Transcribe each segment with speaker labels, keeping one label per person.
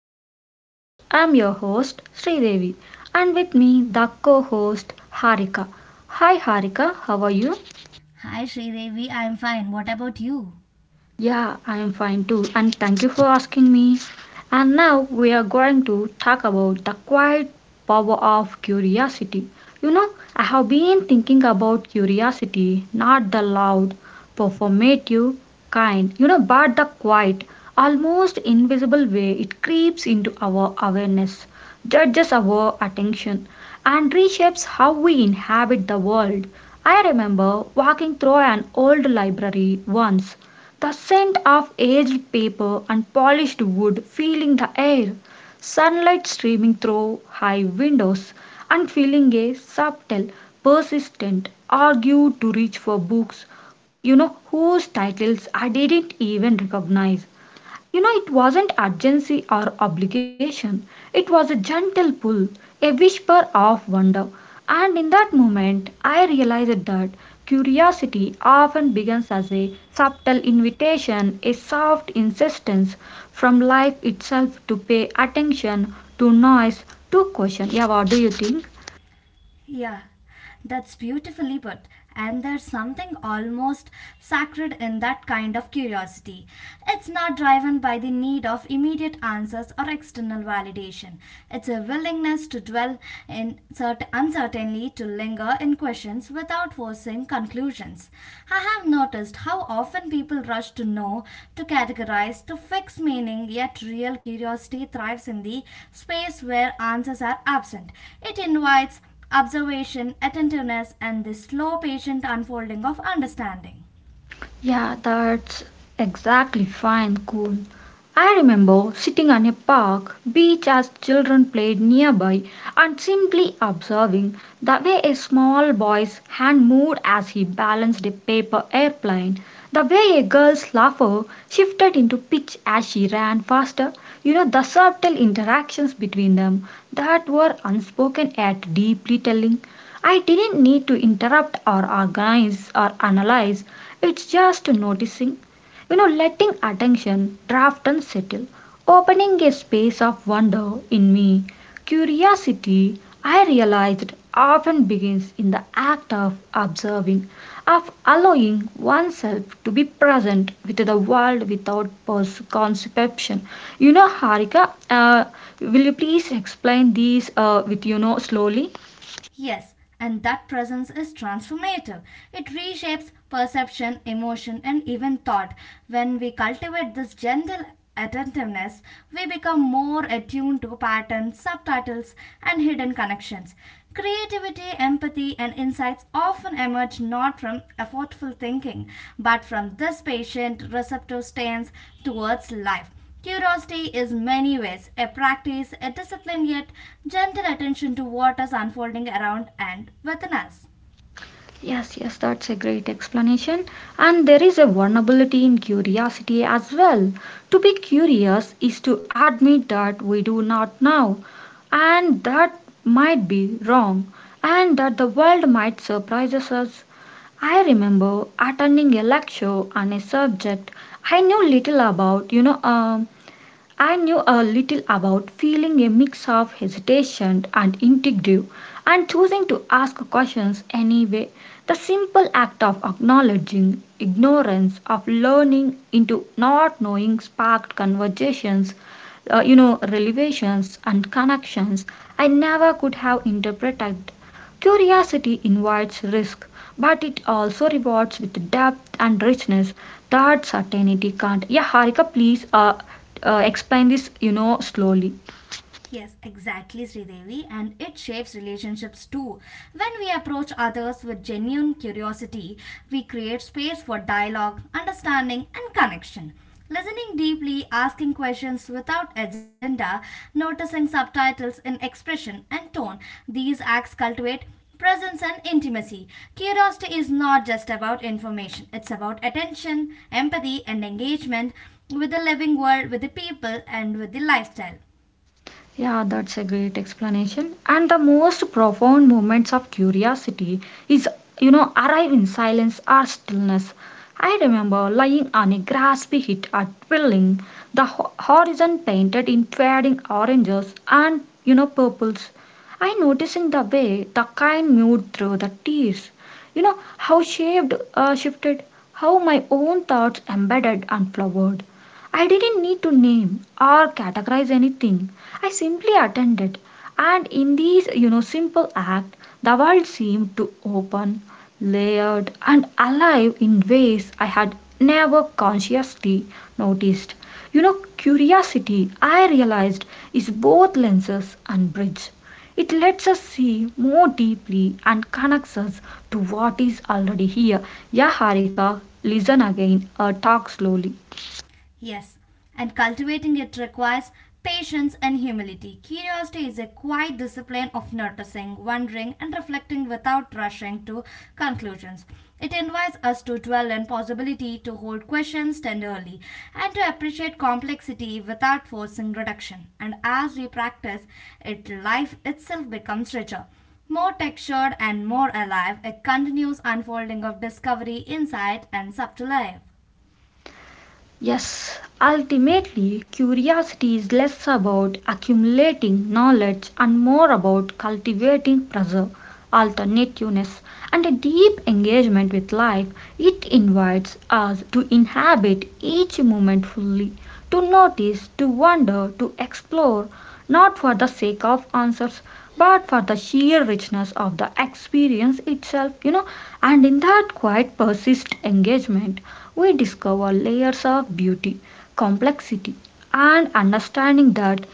Speaker 1: to the podcast. I'm your host Sridevi and with me the co-host Harika. Hi Harika, how are you?
Speaker 2: Hi Sridevi, I'm fine. What about you?
Speaker 1: Yeah, I am fine too, and thank you for asking me. And now we are going to talk about the quiet power of curiosity. You know, I have been thinking about curiosity, not the loud, performative kind, but the quiet, almost invisible way it creeps into our awareness, judges our attention, and reshapes how we inhabit the world. I remember walking through an old library once, the scent of aged paper and polished wood filling the air, sunlight streaming through high windows, and feeling a subtle, persistent urge to reach for books whose titles I didn't even recognize. It wasn't urgency or obligation, it was a gentle pull, a whisper of wonder. And in that moment, I realized that curiosity often begins as a subtle invitation, a soft insistence from life itself to pay attention, to noise, to question. Yeah, what do you think?
Speaker 2: Yeah, that's beautifully put. And there's something almost sacred in that kind of curiosity. It's not driven by the need of immediate answers or external validation. It's a willingness to dwell in uncertainly, to linger in questions without forcing conclusions. I have noticed how often people rush to know, to categorize, to fix meaning, yet real curiosity thrives in the space where answers are absent. It invites observation, attentiveness, and the slow patient unfolding of understanding.
Speaker 1: Yeah, that's exactly fine, cool. I remember sitting on a park beach as children played nearby and simply observing the way a small boy's hand moved as he balanced a paper airplane, the way a girl's laughter shifted into pitch as she ran faster. The subtle interactions between them that were unspoken yet deeply telling. I didn't need to interrupt or organize or analyze. It's just noticing, letting attention draft and settle, opening a space of wonder in me. Curiosity, I realized, often begins in the act of observing, of allowing oneself to be present with the world without preconception. You know, Harika, will you please explain these with slowly?
Speaker 2: Yes, and that presence is transformative. It reshapes perception, emotion, and even thought. When we cultivate this gentle attentiveness, we become more attuned to patterns, subtitles, and hidden connections. Creativity, empathy, and insights often emerge not from effortful thinking, but from this patient receptive stance towards life. Curiosity is many ways a practice, a discipline, yet gentle attention to what is unfolding around and within us.
Speaker 1: Yes, yes, that's a great explanation. And there is a vulnerability in curiosity as well. To be curious is to admit that we do not know, and that might be wrong, and that the world might surprise us. I remember attending a lecture on a subject I knew little about, I knew a little about feeling a mix of hesitation and intuitive, and choosing to ask questions anyway. The simple act of acknowledging ignorance, of learning into not knowing, sparked conversations, revelations and connections I never could have interpreted. Curiosity invites risk, but it also rewards with depth and richness that certainty can't. Yeah, Harika, please explain this, slowly.
Speaker 2: Yes, exactly, Sridevi, and it shapes relationships too. When we approach others with genuine curiosity, we create space for dialogue, understanding, and connection. Listening deeply, asking questions without agenda, noticing subtitles in expression and tone, these acts cultivate presence and intimacy. Curiosity is not just about information, it's about attention, empathy, and engagement with the living world, with the people, and with the lifestyle.
Speaker 1: Yeah, that's a great explanation. And the most profound moments of curiosity is, arrive in silence or stillness. I remember lying on a grassy hit at Willing, the horizon painted in fading oranges and, purples. I noticing the way the kind moved through the tears. You know, how shaped, shifted, how my own thoughts embedded and flowered. I didn't need to name or categorize anything. I simply attended. And in these, simple act, the world seemed to open, layered, and alive in ways I had never consciously noticed. You know, curiosity, I realized, is both lenses and bridge. It lets us see more deeply and connects us to what is already here. Yeah, Harika, listen again, talk slowly.
Speaker 2: Yes, and cultivating it requires patience and humility. Curiosity is a quiet discipline of noticing, wondering, and reflecting without rushing to conclusions. It invites us to dwell in possibility, to hold questions tenderly, and to appreciate complexity without forcing reduction. And as we practice it, life itself becomes richer. More textured and more alive, a continuous unfolding of discovery, insight, and subtle life.
Speaker 1: Yes, ultimately, curiosity is less about accumulating knowledge and more about cultivating preserve, alternativeness, and a deep engagement with life. It invites us to inhabit each moment fully, to notice, to wonder, to explore, not for the sake of answers but for the sheer richness of the experience itself, and in that quiet persist engagement we discover layers of beauty, complexity, and understanding that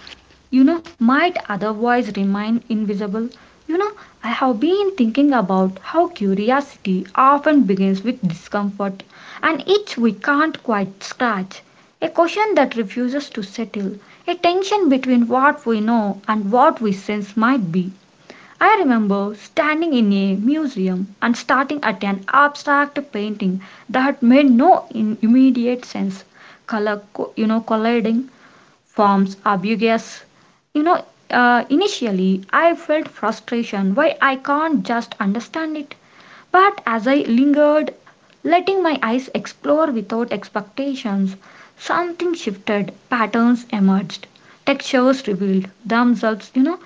Speaker 1: might otherwise remain invisible. You know, I have been thinking about how curiosity often begins with discomfort, an itch we can't quite scratch, a question that refuses to settle, a tension between what we know and what we sense might be. I remember standing in a museum and starting at an abstract painting that made no immediate sense, color co- you know colliding forms ambiguous. Initially I felt frustration, why I can't just understand it. But as I lingered, letting my eyes explore without expectations, something shifted, patterns emerged, textures revealed themselves.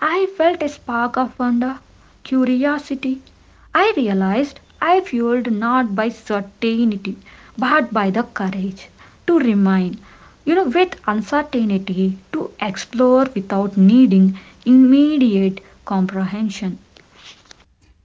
Speaker 1: I felt a spark of wonder, curiosity. I realized I fueled not by certainty but by the courage to remain, with uncertainty, to explore without needing immediate comprehension.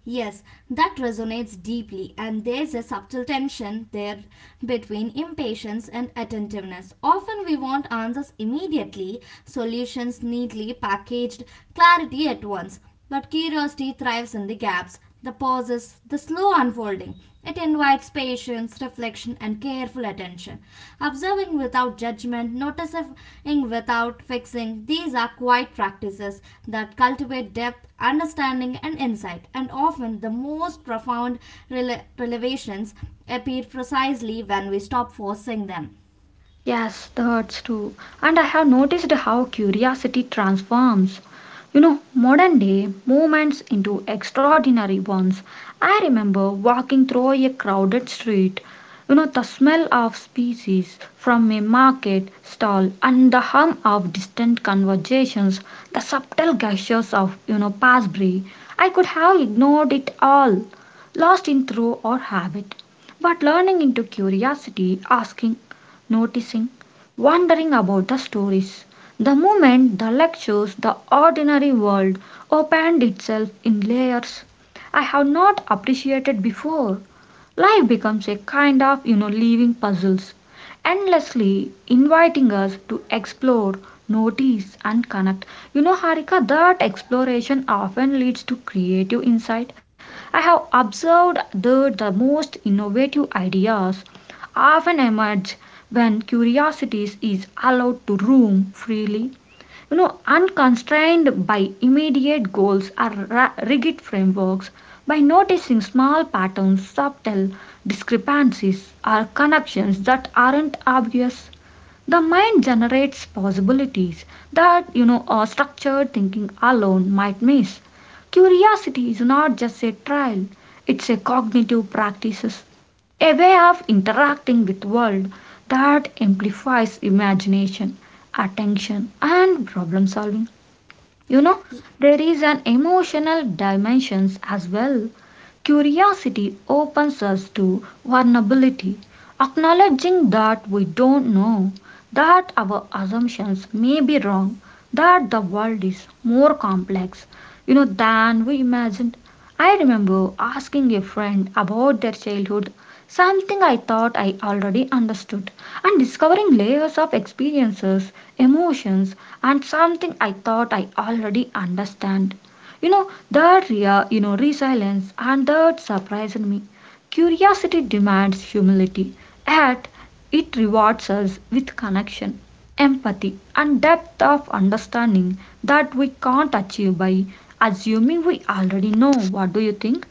Speaker 2: Yes, that resonates deeply, and there's a subtle tension there between impatience and attentiveness. Often we want answers immediately, solutions neatly packaged, clarity at once, but curiosity thrives in the gaps. The pauses, the slow unfolding, it invites patience, reflection, and careful attention. Observing without judgment, noticing without fixing, these are quiet practices that cultivate depth, understanding, and insight. And often, the most profound revelations appear precisely when we stop forcing them.
Speaker 1: Yes, that hurts too. And I have noticed how curiosity transforms, modern day moments into extraordinary ones. I remember walking through a crowded street, the smell of species from a market stall and the hum of distant conversations, the subtle gestures of passby. I could have ignored it all, lost in through or habit. But learning into curiosity, asking, noticing, wondering about the stories. The moment the lectures, the ordinary world opened itself in layers I have not appreciated before. Life becomes a kind of, living puzzles, endlessly inviting us to explore, notice, and connect. You know, Harika, that exploration often leads to creative insight. I have observed that the most innovative ideas often emerge when curiosity is allowed to roam freely, unconstrained by immediate goals or rigid frameworks. By noticing small patterns, subtle discrepancies, or connections that aren't obvious, the mind generates possibilities that structured thinking alone might miss. Curiosity is not just a trial, it's a cognitive practice, a way of interacting with world that amplifies imagination, attention, and problem solving. you know, there is an emotional dimensions as well. Curiosity opens us to vulnerability, acknowledging that we don't know, that our assumptions may be wrong, that the world is more complex, than we imagined. I remember asking a friend about their childhood, something I thought I already understood, and discovering layers of experiences, emotions, and something I thought I already understand. You know that rea- you know resilience, and that surprised me. Curiosity demands humility, yet it rewards us with connection, empathy, and depth of understanding that we can't achieve by assuming we already know. What do you think?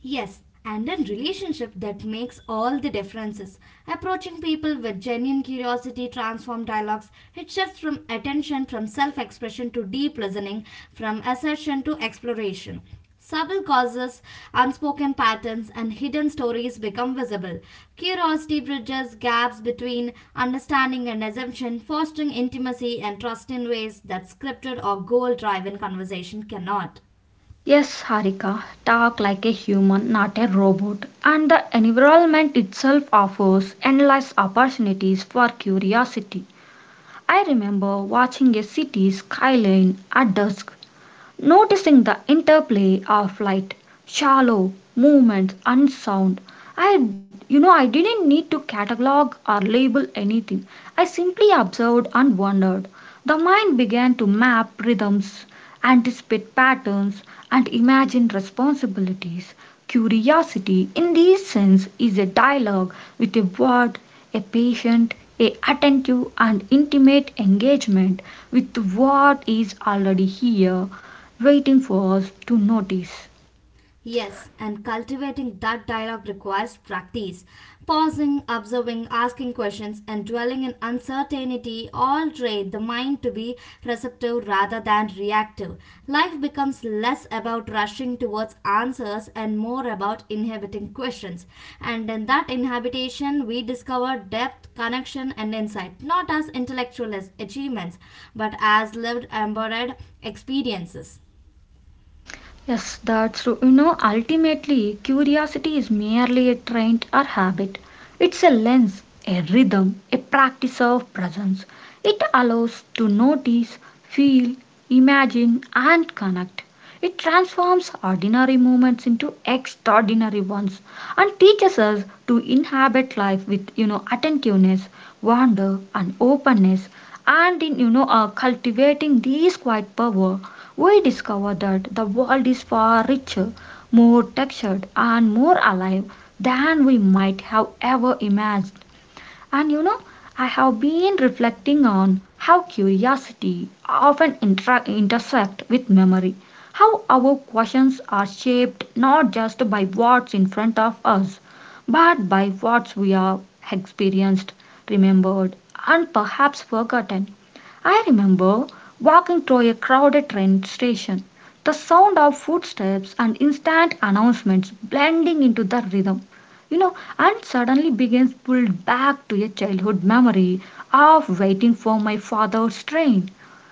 Speaker 2: Yes, and a relationship that makes all the differences. Approaching people with genuine curiosity transforms dialogues. It shifts from attention from self expression to deep listening, from assertion to exploration. Subtle causes, unspoken patterns, and hidden stories become visible. Curiosity bridges gaps between understanding and assumption, fostering intimacy and trust in ways that scripted or goal driven conversation cannot.
Speaker 1: Yes, Harika, talk like a human, not a robot. And the environment itself offers endless opportunities for curiosity. I remember watching a city skyline at dusk, noticing the interplay of light, shallow, movement, and sound. I you know I didn't need to catalog or label anything. I simply observed and wondered. The mind began to map rhythms, anticipate patterns, and imagine responsibilities. Curiosity, in this sense, is a dialogue with a word, a patient, a attentive and intimate engagement with what is already here waiting for us to notice.
Speaker 2: Yes, and cultivating that dialogue requires practice. Pausing, observing, asking questions, and dwelling in uncertainty all train the mind to be receptive rather than reactive. Life becomes less about rushing towards answers and more about inhabiting questions. And in that inhabitation, we discover depth, connection, and insight, not as intellectual achievements, but as lived, embodied experiences.
Speaker 1: Yes, that's true. You know, ultimately, curiosity is merely a trait or habit. It's a lens, a rhythm, a practice of presence. It allows to notice, feel, imagine, and connect. It transforms ordinary moments into extraordinary ones and teaches us to inhabit life with attentiveness, wonder and openness, and in cultivating these quiet power we discover that the world is far richer, more textured and more alive than we might have ever imagined. And I have been reflecting on how curiosity often intersect with memory, how our questions are shaped not just by what's in front of us, but by what we have experienced, remembered, and perhaps forgotten. I remember walking through a crowded train station, the sound of footsteps and instant announcements blending into the rhythm, and suddenly begins pulled back to a childhood memory of waiting for my father's train.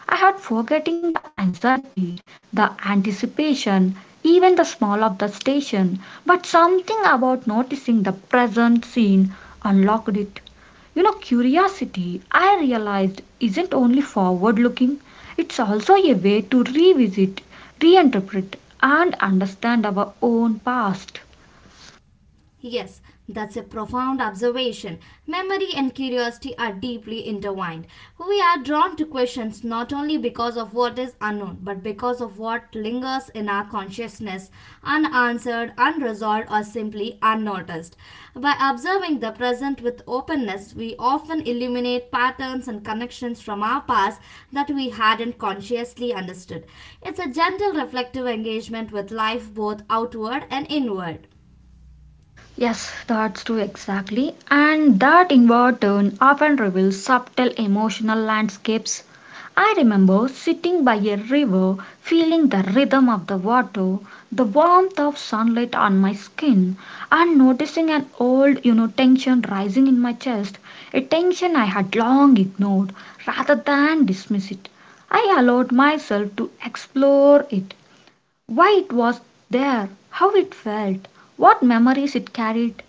Speaker 1: I had forgetting the anxiety, the anticipation, even the smell of the station, but something about noticing the present scene unlocked it. You know, curiosity, I realized, isn't only forward looking, it's also a way to revisit, reinterpret, and understand our own past.
Speaker 2: Yes, that's a profound observation. Memory and curiosity are deeply intertwined. We are drawn to questions not only because of what is unknown, but because of what lingers in our consciousness, unanswered, unresolved, or simply unnoticed. By observing the present with openness, we often illuminate patterns and connections from our past that we hadn't consciously understood. It's a gentle reflective engagement with life, both outward and inward.
Speaker 1: Yes, that's true exactly. And that in turn often reveals subtle emotional landscapes. I remember sitting by a river, feeling the rhythm of the water, the warmth of sunlight on my skin, and noticing an old, tension rising in my chest, a tension I had long ignored rather than dismiss it. I allowed myself to explore it, why it was there, how it felt, what memories it carried.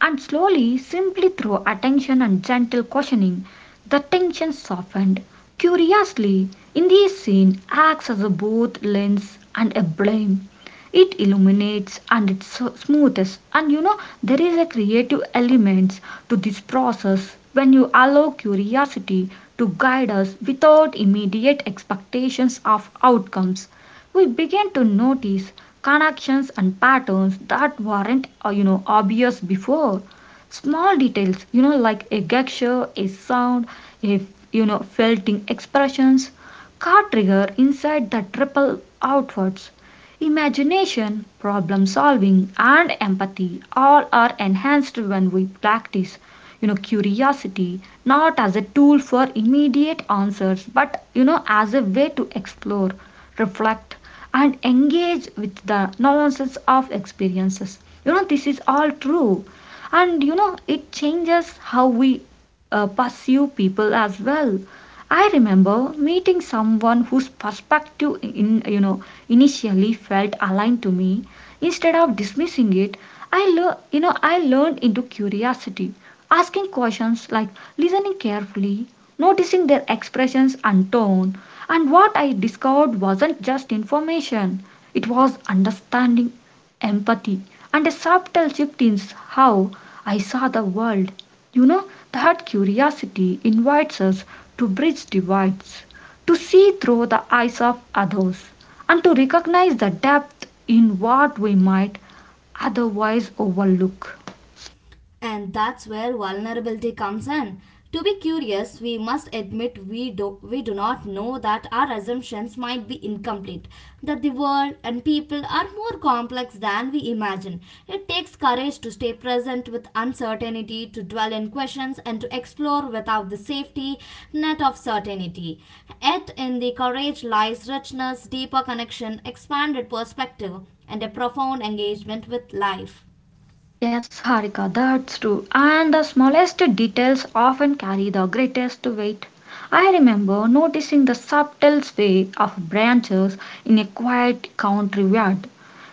Speaker 1: And slowly, simply through attention and gentle questioning, the tension softened. Curiously, in this scene acts as a both lens and a blame. It illuminates and it smooths, and there is a creative element to this process. When you allow curiosity to guide us without immediate expectations of outcomes, we begin to notice connections and patterns that weren't obvious before. Small details, like a gesture, a sound, a felting expressions car trigger inside that ripple outwards. Imagination, problem solving, and empathy all are enhanced when we practice, curiosity, not as a tool for immediate answers, but as a way to explore, reflect, and engage with the nuances of experiences. You know, this is all true. And it changes how we pursue people as well. I remember meeting someone whose perspective in, initially felt aligned to me. Instead of dismissing it, I learned into curiosity, asking questions, like listening carefully, noticing their expressions and tone. And what I discovered wasn't just information; it was understanding, empathy, and a subtle shift in how I saw the world. You know that curiosity invites us to bridge divides, to see through the eyes of others, and to recognize the depth in what we might otherwise overlook.
Speaker 2: And that's where vulnerability comes in. To be curious, we must admit we do not know that our assumptions might be incomplete, that the world and people are more complex than we imagine. It takes courage to stay present with uncertainty, to dwell in questions, and to explore without the safety net of certainty. Yet, in the courage lies richness, deeper connection, expanded perspective, and a profound engagement with life.
Speaker 1: Yes, Harika, that's true. And the smallest details often carry the greatest weight. I remember noticing the subtle sway of branches in a quiet country yard,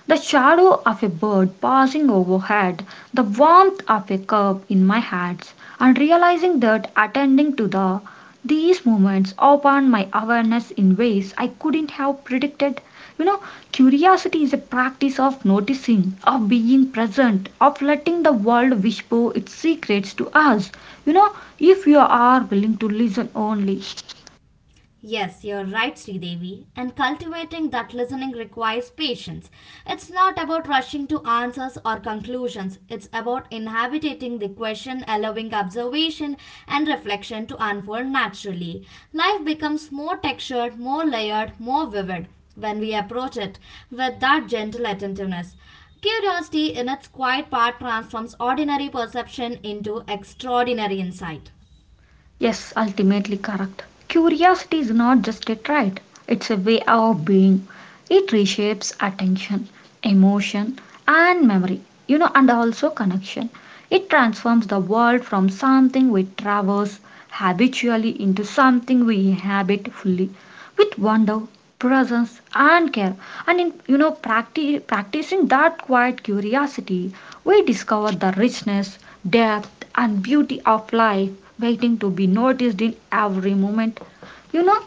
Speaker 1: the shadow of a bird passing overhead, the warmth of a cup in my hands, and realizing that attending to the these moments opened my awareness in ways I couldn't have predicted. You know, curiosity is a practice of noticing, of being present, of letting the world whisper its secrets to us. You know, if you are willing to listen only.
Speaker 2: Yes, you're right, Sridevi. And cultivating that listening requires patience. It's not about rushing to answers or conclusions, it's about inhabiting the question, allowing observation and reflection to unfold naturally. Life becomes more textured, more layered, more vivid when we approach it with that gentle attentiveness. Curiosity, in its quiet part, transforms ordinary perception into extraordinary insight.
Speaker 1: Yes, ultimately correct. Curiosity is not just a trait, it's a way of being. It reshapes attention, emotion, and memory, you know, and also connection. It transforms the world from something we traverse habitually into something we inhabit fully, with wonder, presence, and care. And in, practicing that quiet curiosity, we discover the richness, depth, and beauty of life waiting to be noticed in every moment. You know,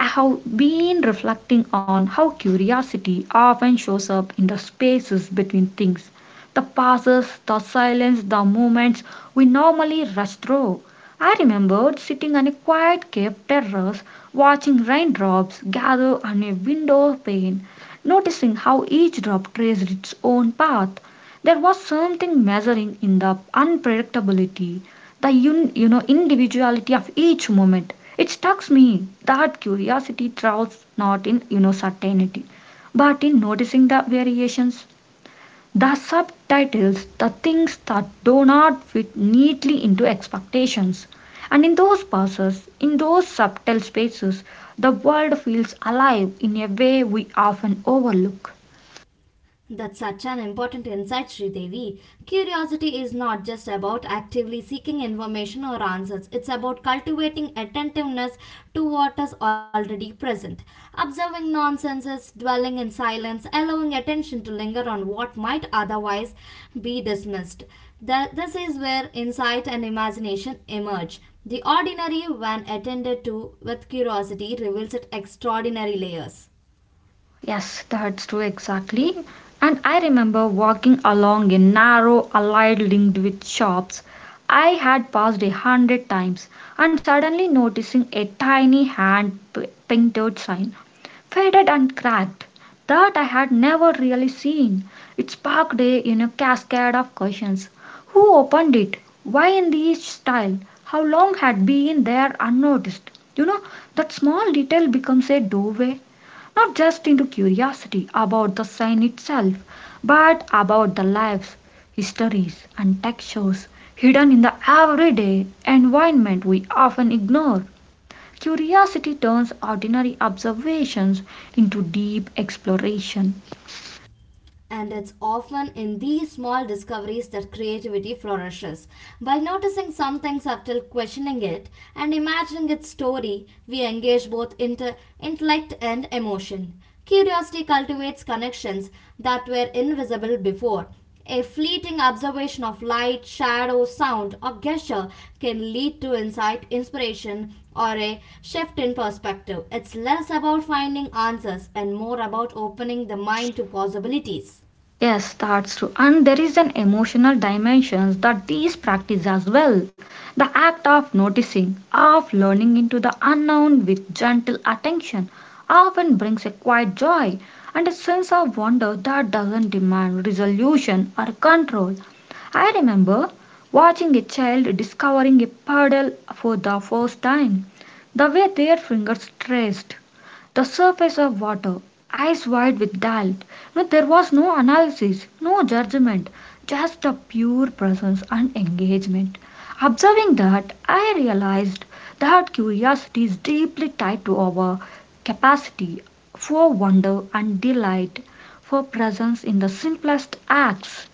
Speaker 1: I have been reflecting on how curiosity often shows up in the spaces between things, the pauses, the silence, the moments we normally rush through. I remembered sitting on a quiet cave terrace, watching raindrops gather on a window pane, noticing how each drop traced its own path. There was something measuring in the unpredictability, the un, you know individuality of each moment. It struck me that curiosity thrives not in, certainty, but in noticing the variations. The subtitles, the things that do not fit neatly into expectations. And in those pauses, in those subtle spaces, the world feels alive in a way we often overlook.
Speaker 2: That's such an important insight, Sridevi. Curiosity is not just about actively seeking information or answers, it's about cultivating attentiveness to what is already present. Observing nonsenses, dwelling in silence, allowing attention to linger on what might otherwise be dismissed. This is where insight and imagination emerge. The ordinary, when attended to with curiosity, reveals its extraordinary layers.
Speaker 1: Yes, that's true, exactly. And I remember walking along a narrow alley linked with shops I had passed a hundred times, and suddenly noticing a tiny hand painted sign, faded and cracked, that I had never really seen. It sparked a, cascade of questions. Who opened it? Why in this style? How long had been there unnoticed? You know, that small detail becomes a doorway, not just into curiosity about the sign itself, but about the lives, histories, and textures hidden in the everyday environment we often ignore. Curiosity turns ordinary observations into deep exploration.
Speaker 2: And it's often in these small discoveries that creativity flourishes. By noticing something subtle, questioning it, and imagining its story, we engage both intellect and emotion. Curiosity cultivates connections that were invisible before, a fleeting observation of light, shadow, sound, or gesture can lead to insight, inspiration, or a shift in perspective. It's less about finding answers and more about opening the mind to possibilities.
Speaker 1: Yes, that's true. And there is an emotional dimension that these practice as well. The act of noticing, of learning into the unknown with gentle attention, often brings a quiet joy and a sense of wonder that doesn't demand resolution or control. I remember watching a child discovering a puddle for the first time. The way their fingers traced the surface of water, eyes wide with doubt, no, there was no analysis, no judgment, just a pure presence and engagement. Observing that, I realized that curiosity is deeply tied to our capacity for wonder and delight, for presence in the simplest acts.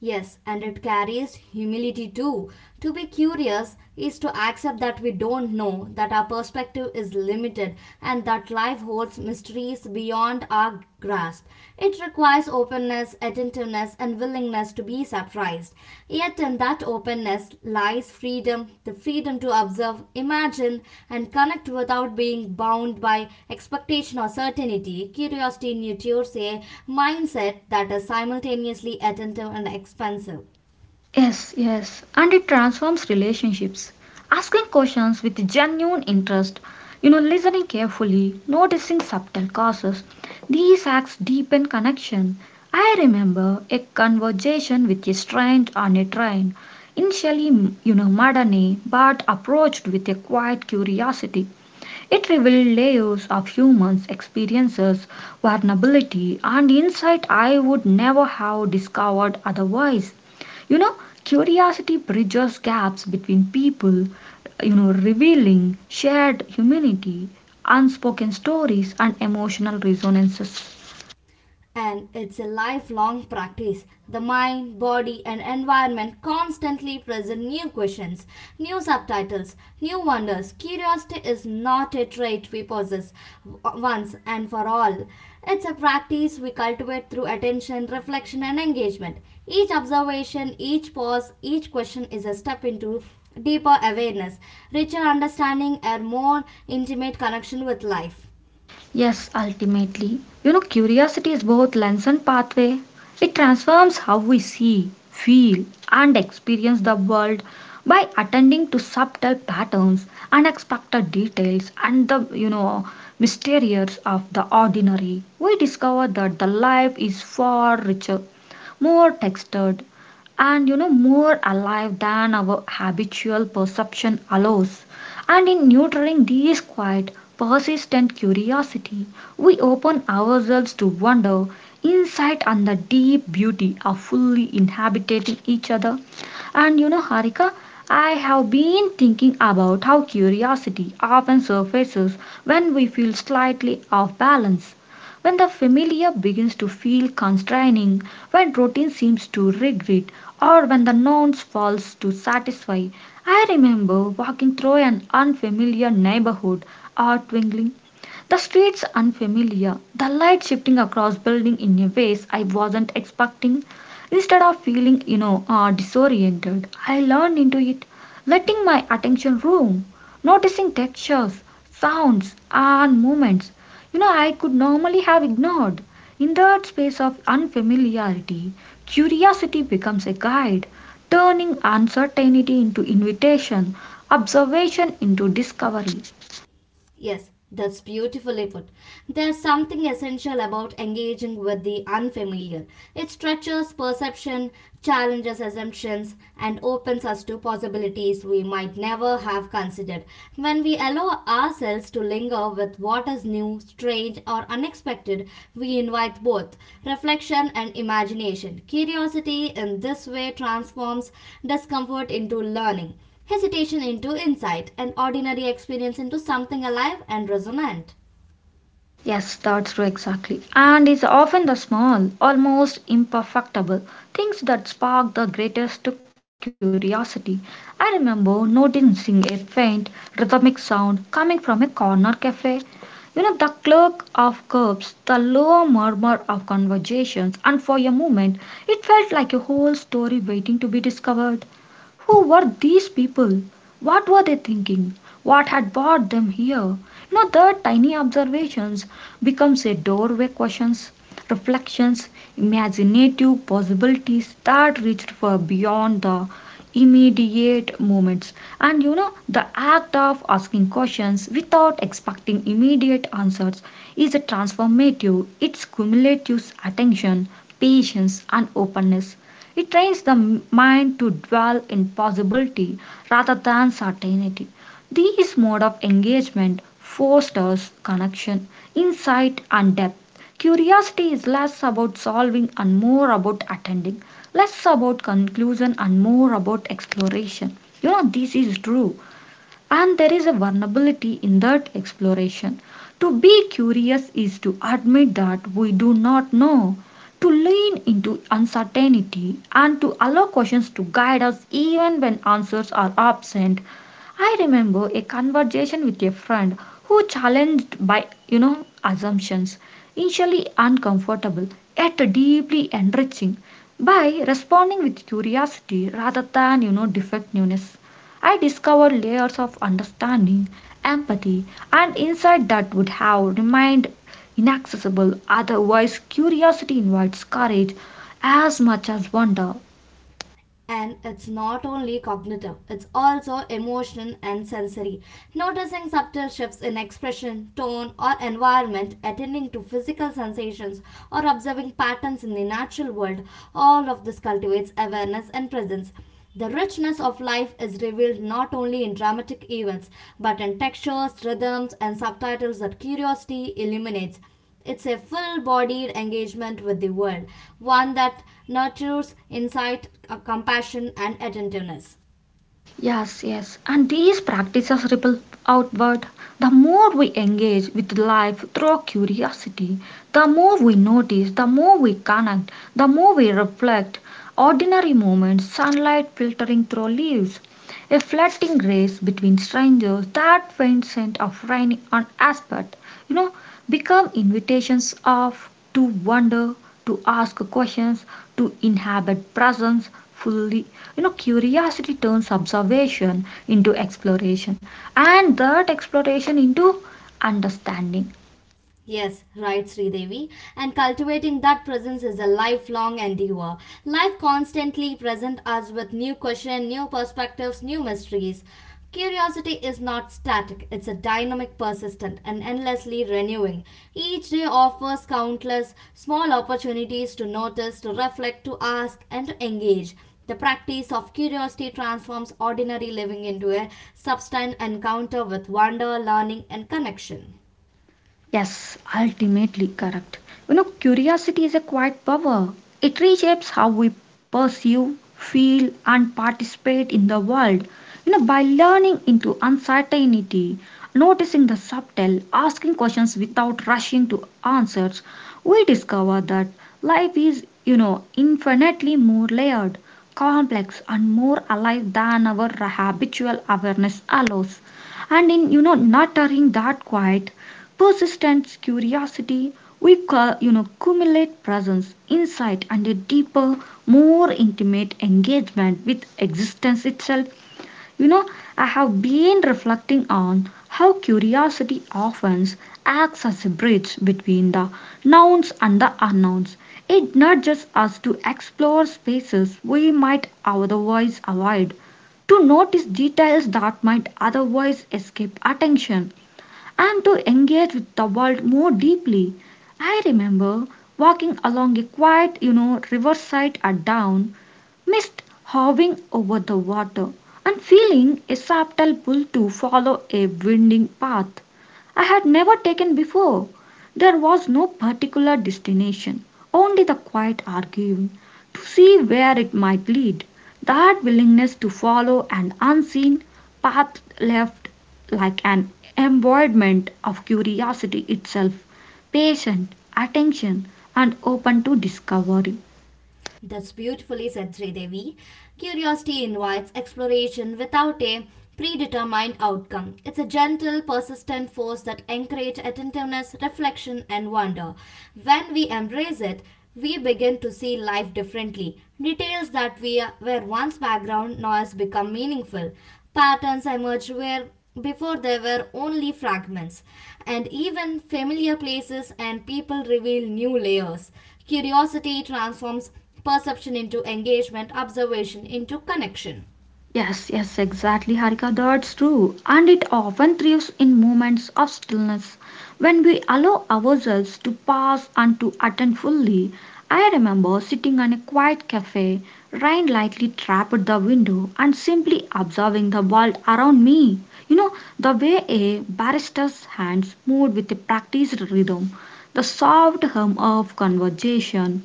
Speaker 2: Yes, and it carries humility too. To be curious is to accept that we don't know, that our perspective is limited, and that life holds mysteries beyond our grasp. It requires openness, attentiveness, and willingness to be surprised. Yet in that openness lies freedom the freedom to observe, imagine, and connect without being bound by expectation or certainty. Curiosity nurtures a mindset that is simultaneously attentive and expansive.
Speaker 1: Yes, yes, and it transforms relationships. Asking questions with genuine interest, listening carefully, noticing subtle causes, these acts deepen connection. I remember a conversation with a stranger on a train, initially, maddening, but approached with a quiet curiosity. It revealed layers of humans' experiences, vulnerability, and insight I would never have discovered otherwise. You know, curiosity bridges gaps between people, revealing shared humanity, unspoken stories, and emotional resonances.
Speaker 2: And it's a lifelong practice. The mind, body, and environment constantly present new questions, new subtitles, new wonders. Curiosity is not a trait we possess once and for all. It's a practice we cultivate through attention, reflection, and engagement. Each observation, each pause, each question is a step into deeper awareness, richer understanding, and more intimate connection with life.
Speaker 1: Yes, ultimately. You know, curiosity is both lens and pathway. It transforms how we see, feel, and experience the world by attending to subtle patterns, unexpected details, and the, mysterious of the ordinary. We discover that the life is far richer, more textured, and more alive than our habitual perception allows. And in nurturing this quiet, persistent curiosity, we open ourselves to wonder, insight, and the deep beauty of fully inhabiting each other. And, Harika, I have been thinking about how curiosity often surfaces when we feel slightly off balance, when the familiar begins to feel constraining, when routine seems to regret, or when the nouns falls to satisfy. I remember walking through an unfamiliar neighborhood, art twinkling, the streets unfamiliar, the light shifting across building in a ways I wasn't expecting. Instead of feeling, disoriented, I learned into it, letting my attention roam, noticing textures, sounds, and movements I could normally have ignored. In that space of unfamiliarity, curiosity becomes a guide, turning uncertainty into invitation, observation into discovery.
Speaker 2: Yes, that's beautifully put. There's something essential about engaging with the unfamiliar. It stretches perception, challenges assumptions, and opens us to possibilities we might never have considered. When we allow ourselves to linger with what is new, strange, or unexpected, we invite both reflection and imagination. Curiosity in this way transforms discomfort into learning hesitation into insight, an ordinary experience into something alive and resonant.
Speaker 1: Yes, that's true, exactly. And it's often the small, almost imperfectible things that spark the greatest curiosity. I remember noticing a faint rhythmic sound coming from a corner cafe. You know, the clerk of curbs, the low murmur of conversations, and for a moment it felt like a whole story waiting to be discovered. Who were these people? What were they thinking? What had brought them here? You know, their tiny observations becomes a doorway questions, reflections, imaginative possibilities that reached far beyond the immediate moments. And, the act of asking questions without expecting immediate answers is a transformative. It's cumulative attention, patience, and openness. It trains the mind to dwell in possibility rather than certainty. This mode of engagement fosters connection, insight, and depth. Curiosity is less about solving and more about attending, less about conclusion and more about exploration. You know, this is true, and there is a vulnerability in that exploration. To be curious is to admit that we do not know, to lean into uncertainty, and to allow questions to guide us even when answers are absent. I remember a conversation with a friend who challenged by assumptions, initially uncomfortable, yet deeply enriching. By responding with curiosity rather than defectiveness, I discovered layers of understanding, empathy, and insight that would have remained inaccessible otherwise. Curiosity invites courage as much as wonder.
Speaker 2: And it's not only cognitive, it's also emotional and sensory. Noticing subtle shifts in expression, tone, or environment, attending to physical sensations, or observing patterns in the natural world, all of this cultivates awareness and presence. The richness of life is revealed not only in dramatic events, but in textures, rhythms, and subtitles that curiosity illuminates. It's a full bodied engagement with the world, one that nurtures insight, compassion, and attentiveness.
Speaker 1: Yes, yes. And these practices ripple outward. The more we engage with life through curiosity, the more we notice, the more we connect, the more we reflect. Ordinary moments, sunlight filtering through leaves, a flirting grace between strangers, that faint scent of rain on asphalt, you know become invitations of to wonder, to ask questions, to inhabit presence fully. You know, curiosity turns observation into exploration, and that exploration into understanding.
Speaker 2: Yes, right, Sridevi. And cultivating that presence is a lifelong endeavor. Life constantly presents us with new questions, new perspectives, new mysteries. Curiosity is not static, it's a dynamic, persistent, and endlessly renewing. Each day offers countless small opportunities to notice, to reflect, to ask, and to engage. The practice of curiosity transforms ordinary living into a sustained encounter with wonder, learning, and connection.
Speaker 1: Yes, ultimately correct. You know, curiosity is a quiet power. It reshapes how we perceive, feel, and participate in the world. You know, by learning into uncertainty, noticing the subtle, asking questions without rushing to answers, we discover that life is, infinitely more layered, complex, and more alive than our habitual awareness allows. And in, nurturing that quiet, persistent curiosity, we call, accumulate presence, insight, and a deeper, more intimate engagement with existence itself. You know, I have been reflecting on how curiosity often acts as a bridge between the nouns and the unknowns. It nudges us to explore spaces we might otherwise avoid, to notice details that might otherwise escape attention, and to engage with the world more deeply. I remember walking along a quiet, riverside at dawn, mist hovering over the water, and feeling a subtle pull to follow a winding path I had never taken before. There was no particular destination, only the quiet arguing to see where it might lead. That willingness to follow an unseen path left like an embodiment of curiosity itself, patient, attention, and open to discovery.
Speaker 2: That's beautifully said, Sridevi. Curiosity invites exploration without a predetermined outcome. It's a gentle, persistent force that encourages attentiveness, reflection, and wonder. When we embrace it, we begin to see life differently. Details that we were once background noise become meaningful. Patterns emerge where before there were only fragments, and even familiar places and people reveal new layers. Curiosity transforms perception into engagement, observation into connection.
Speaker 1: Yes, yes, exactly, Harika. That's true. And it often thrives in moments of stillness, when we allow ourselves to pause and to attend fully. I remember sitting in a quiet cafe, rain lightly trapped the window, and simply observing the world around me. You know, the way a barrister's hands moved with a practiced rhythm, the soft hum of conversation,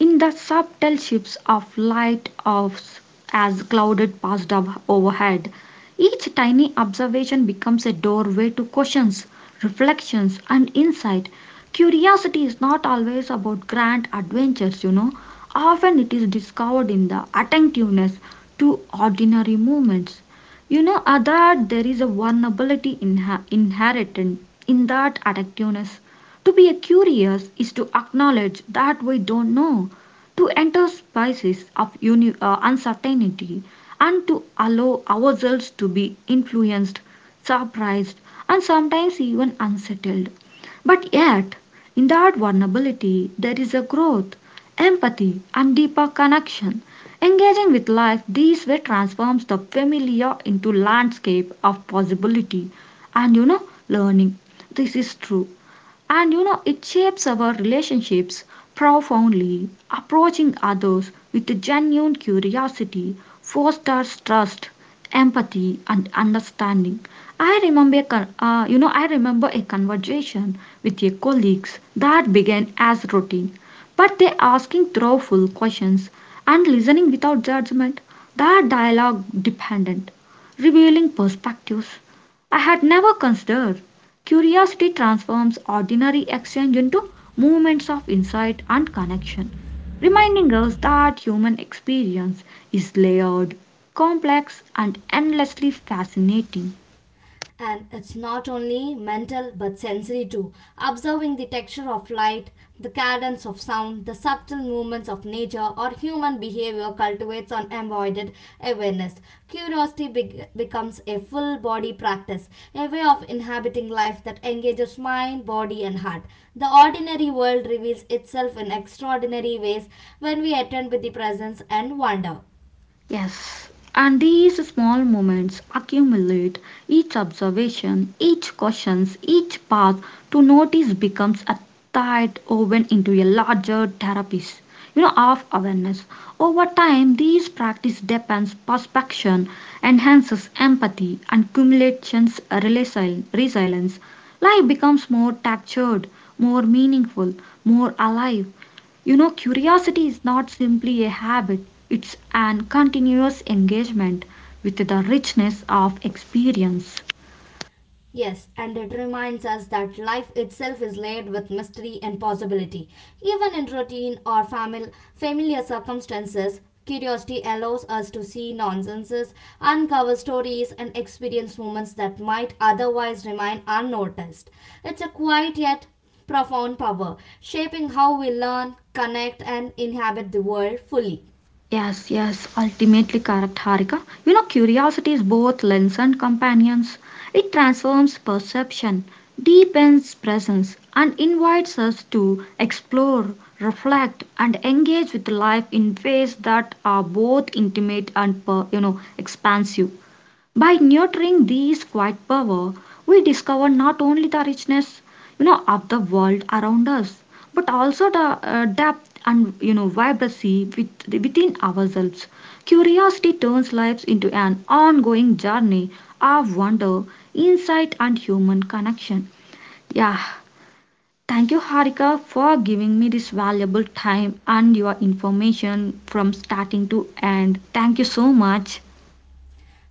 Speaker 1: in the subtle shifts of light of as clouded passed up overhead. Each tiny observation becomes a doorway to questions, reflections, and insight. Curiosity is not always about grand adventures, you know. Often it is discovered in the attentiveness to ordinary moments. That there is a vulnerability inherent in that attentiveness. To be curious is to acknowledge that we don't know, to enter spaces of uncertainty, and to allow ourselves to be influenced, surprised, and sometimes even unsettled. But yet, in that vulnerability, there is a growth, empathy, and deeper connection. Engaging with life this way transforms the familiar into landscape of possibility and, learning. This is true. And, it shapes our relationships profoundly. Approaching others with a genuine curiosity fosters trust, empathy, and understanding. I remember a conversation with a colleagues that began as routine, but they asking thoughtful questions and listening without judgment. That dialogue dependent, revealing perspectives I had never considered. Curiosity transforms ordinary exchange into movements of insight and connection, reminding us that human experience is layered, complex, and endlessly fascinating.
Speaker 2: And it's not only mental but sensory too. Observing the texture of light, the cadence of sound, the subtle movements of nature or human behavior cultivates unavoided awareness. Curiosity becomes a full body practice, a way of inhabiting life that engages mind, body, and heart. The ordinary world reveals itself in extraordinary ways when we attend with the presence and wonder.
Speaker 1: Yes, and these small moments accumulate. Each observation, each question, each path to notice becomes a tight woven into a larger therapist, of awareness. Over time, these practice depends perception, enhances empathy, and cumulations resilience. Life becomes more textured, more meaningful, more alive. You know, curiosity is not simply a habit, it's an continuous engagement with the richness of experience.
Speaker 2: Yes, and it reminds us that life itself is laid with mystery and possibility. Even in routine or familiar circumstances, curiosity allows us to see nonsenses, uncover stories, and experience moments that might otherwise remain unnoticed. It's a quiet yet profound power, shaping how we learn, connect, and inhabit the world fully.
Speaker 1: Yes, yes, ultimately correct, Harika. You know, curiosity is both lens and companions. It transforms perception, deepens presence, and invites us to explore, reflect, and engage with life in ways that are both intimate and, expansive. By nurturing these quiet power, we discover not only the richness, of the world around us, but also the depth and vibrancy within ourselves. Curiosity turns lives into an ongoing journey of wonder, insight, and human connection. Yeah, thank you, Harika, for giving me this valuable time and your information from starting to end. Thank you so much.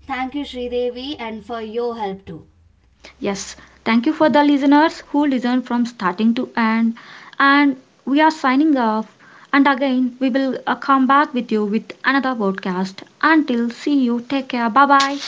Speaker 2: Thank you, Sridevi, and for your help too.
Speaker 1: Yes, thank you for the listeners who listen from starting to end. And we are signing off. And again, we will come back with you with another podcast. Until see you, take care. Bye bye.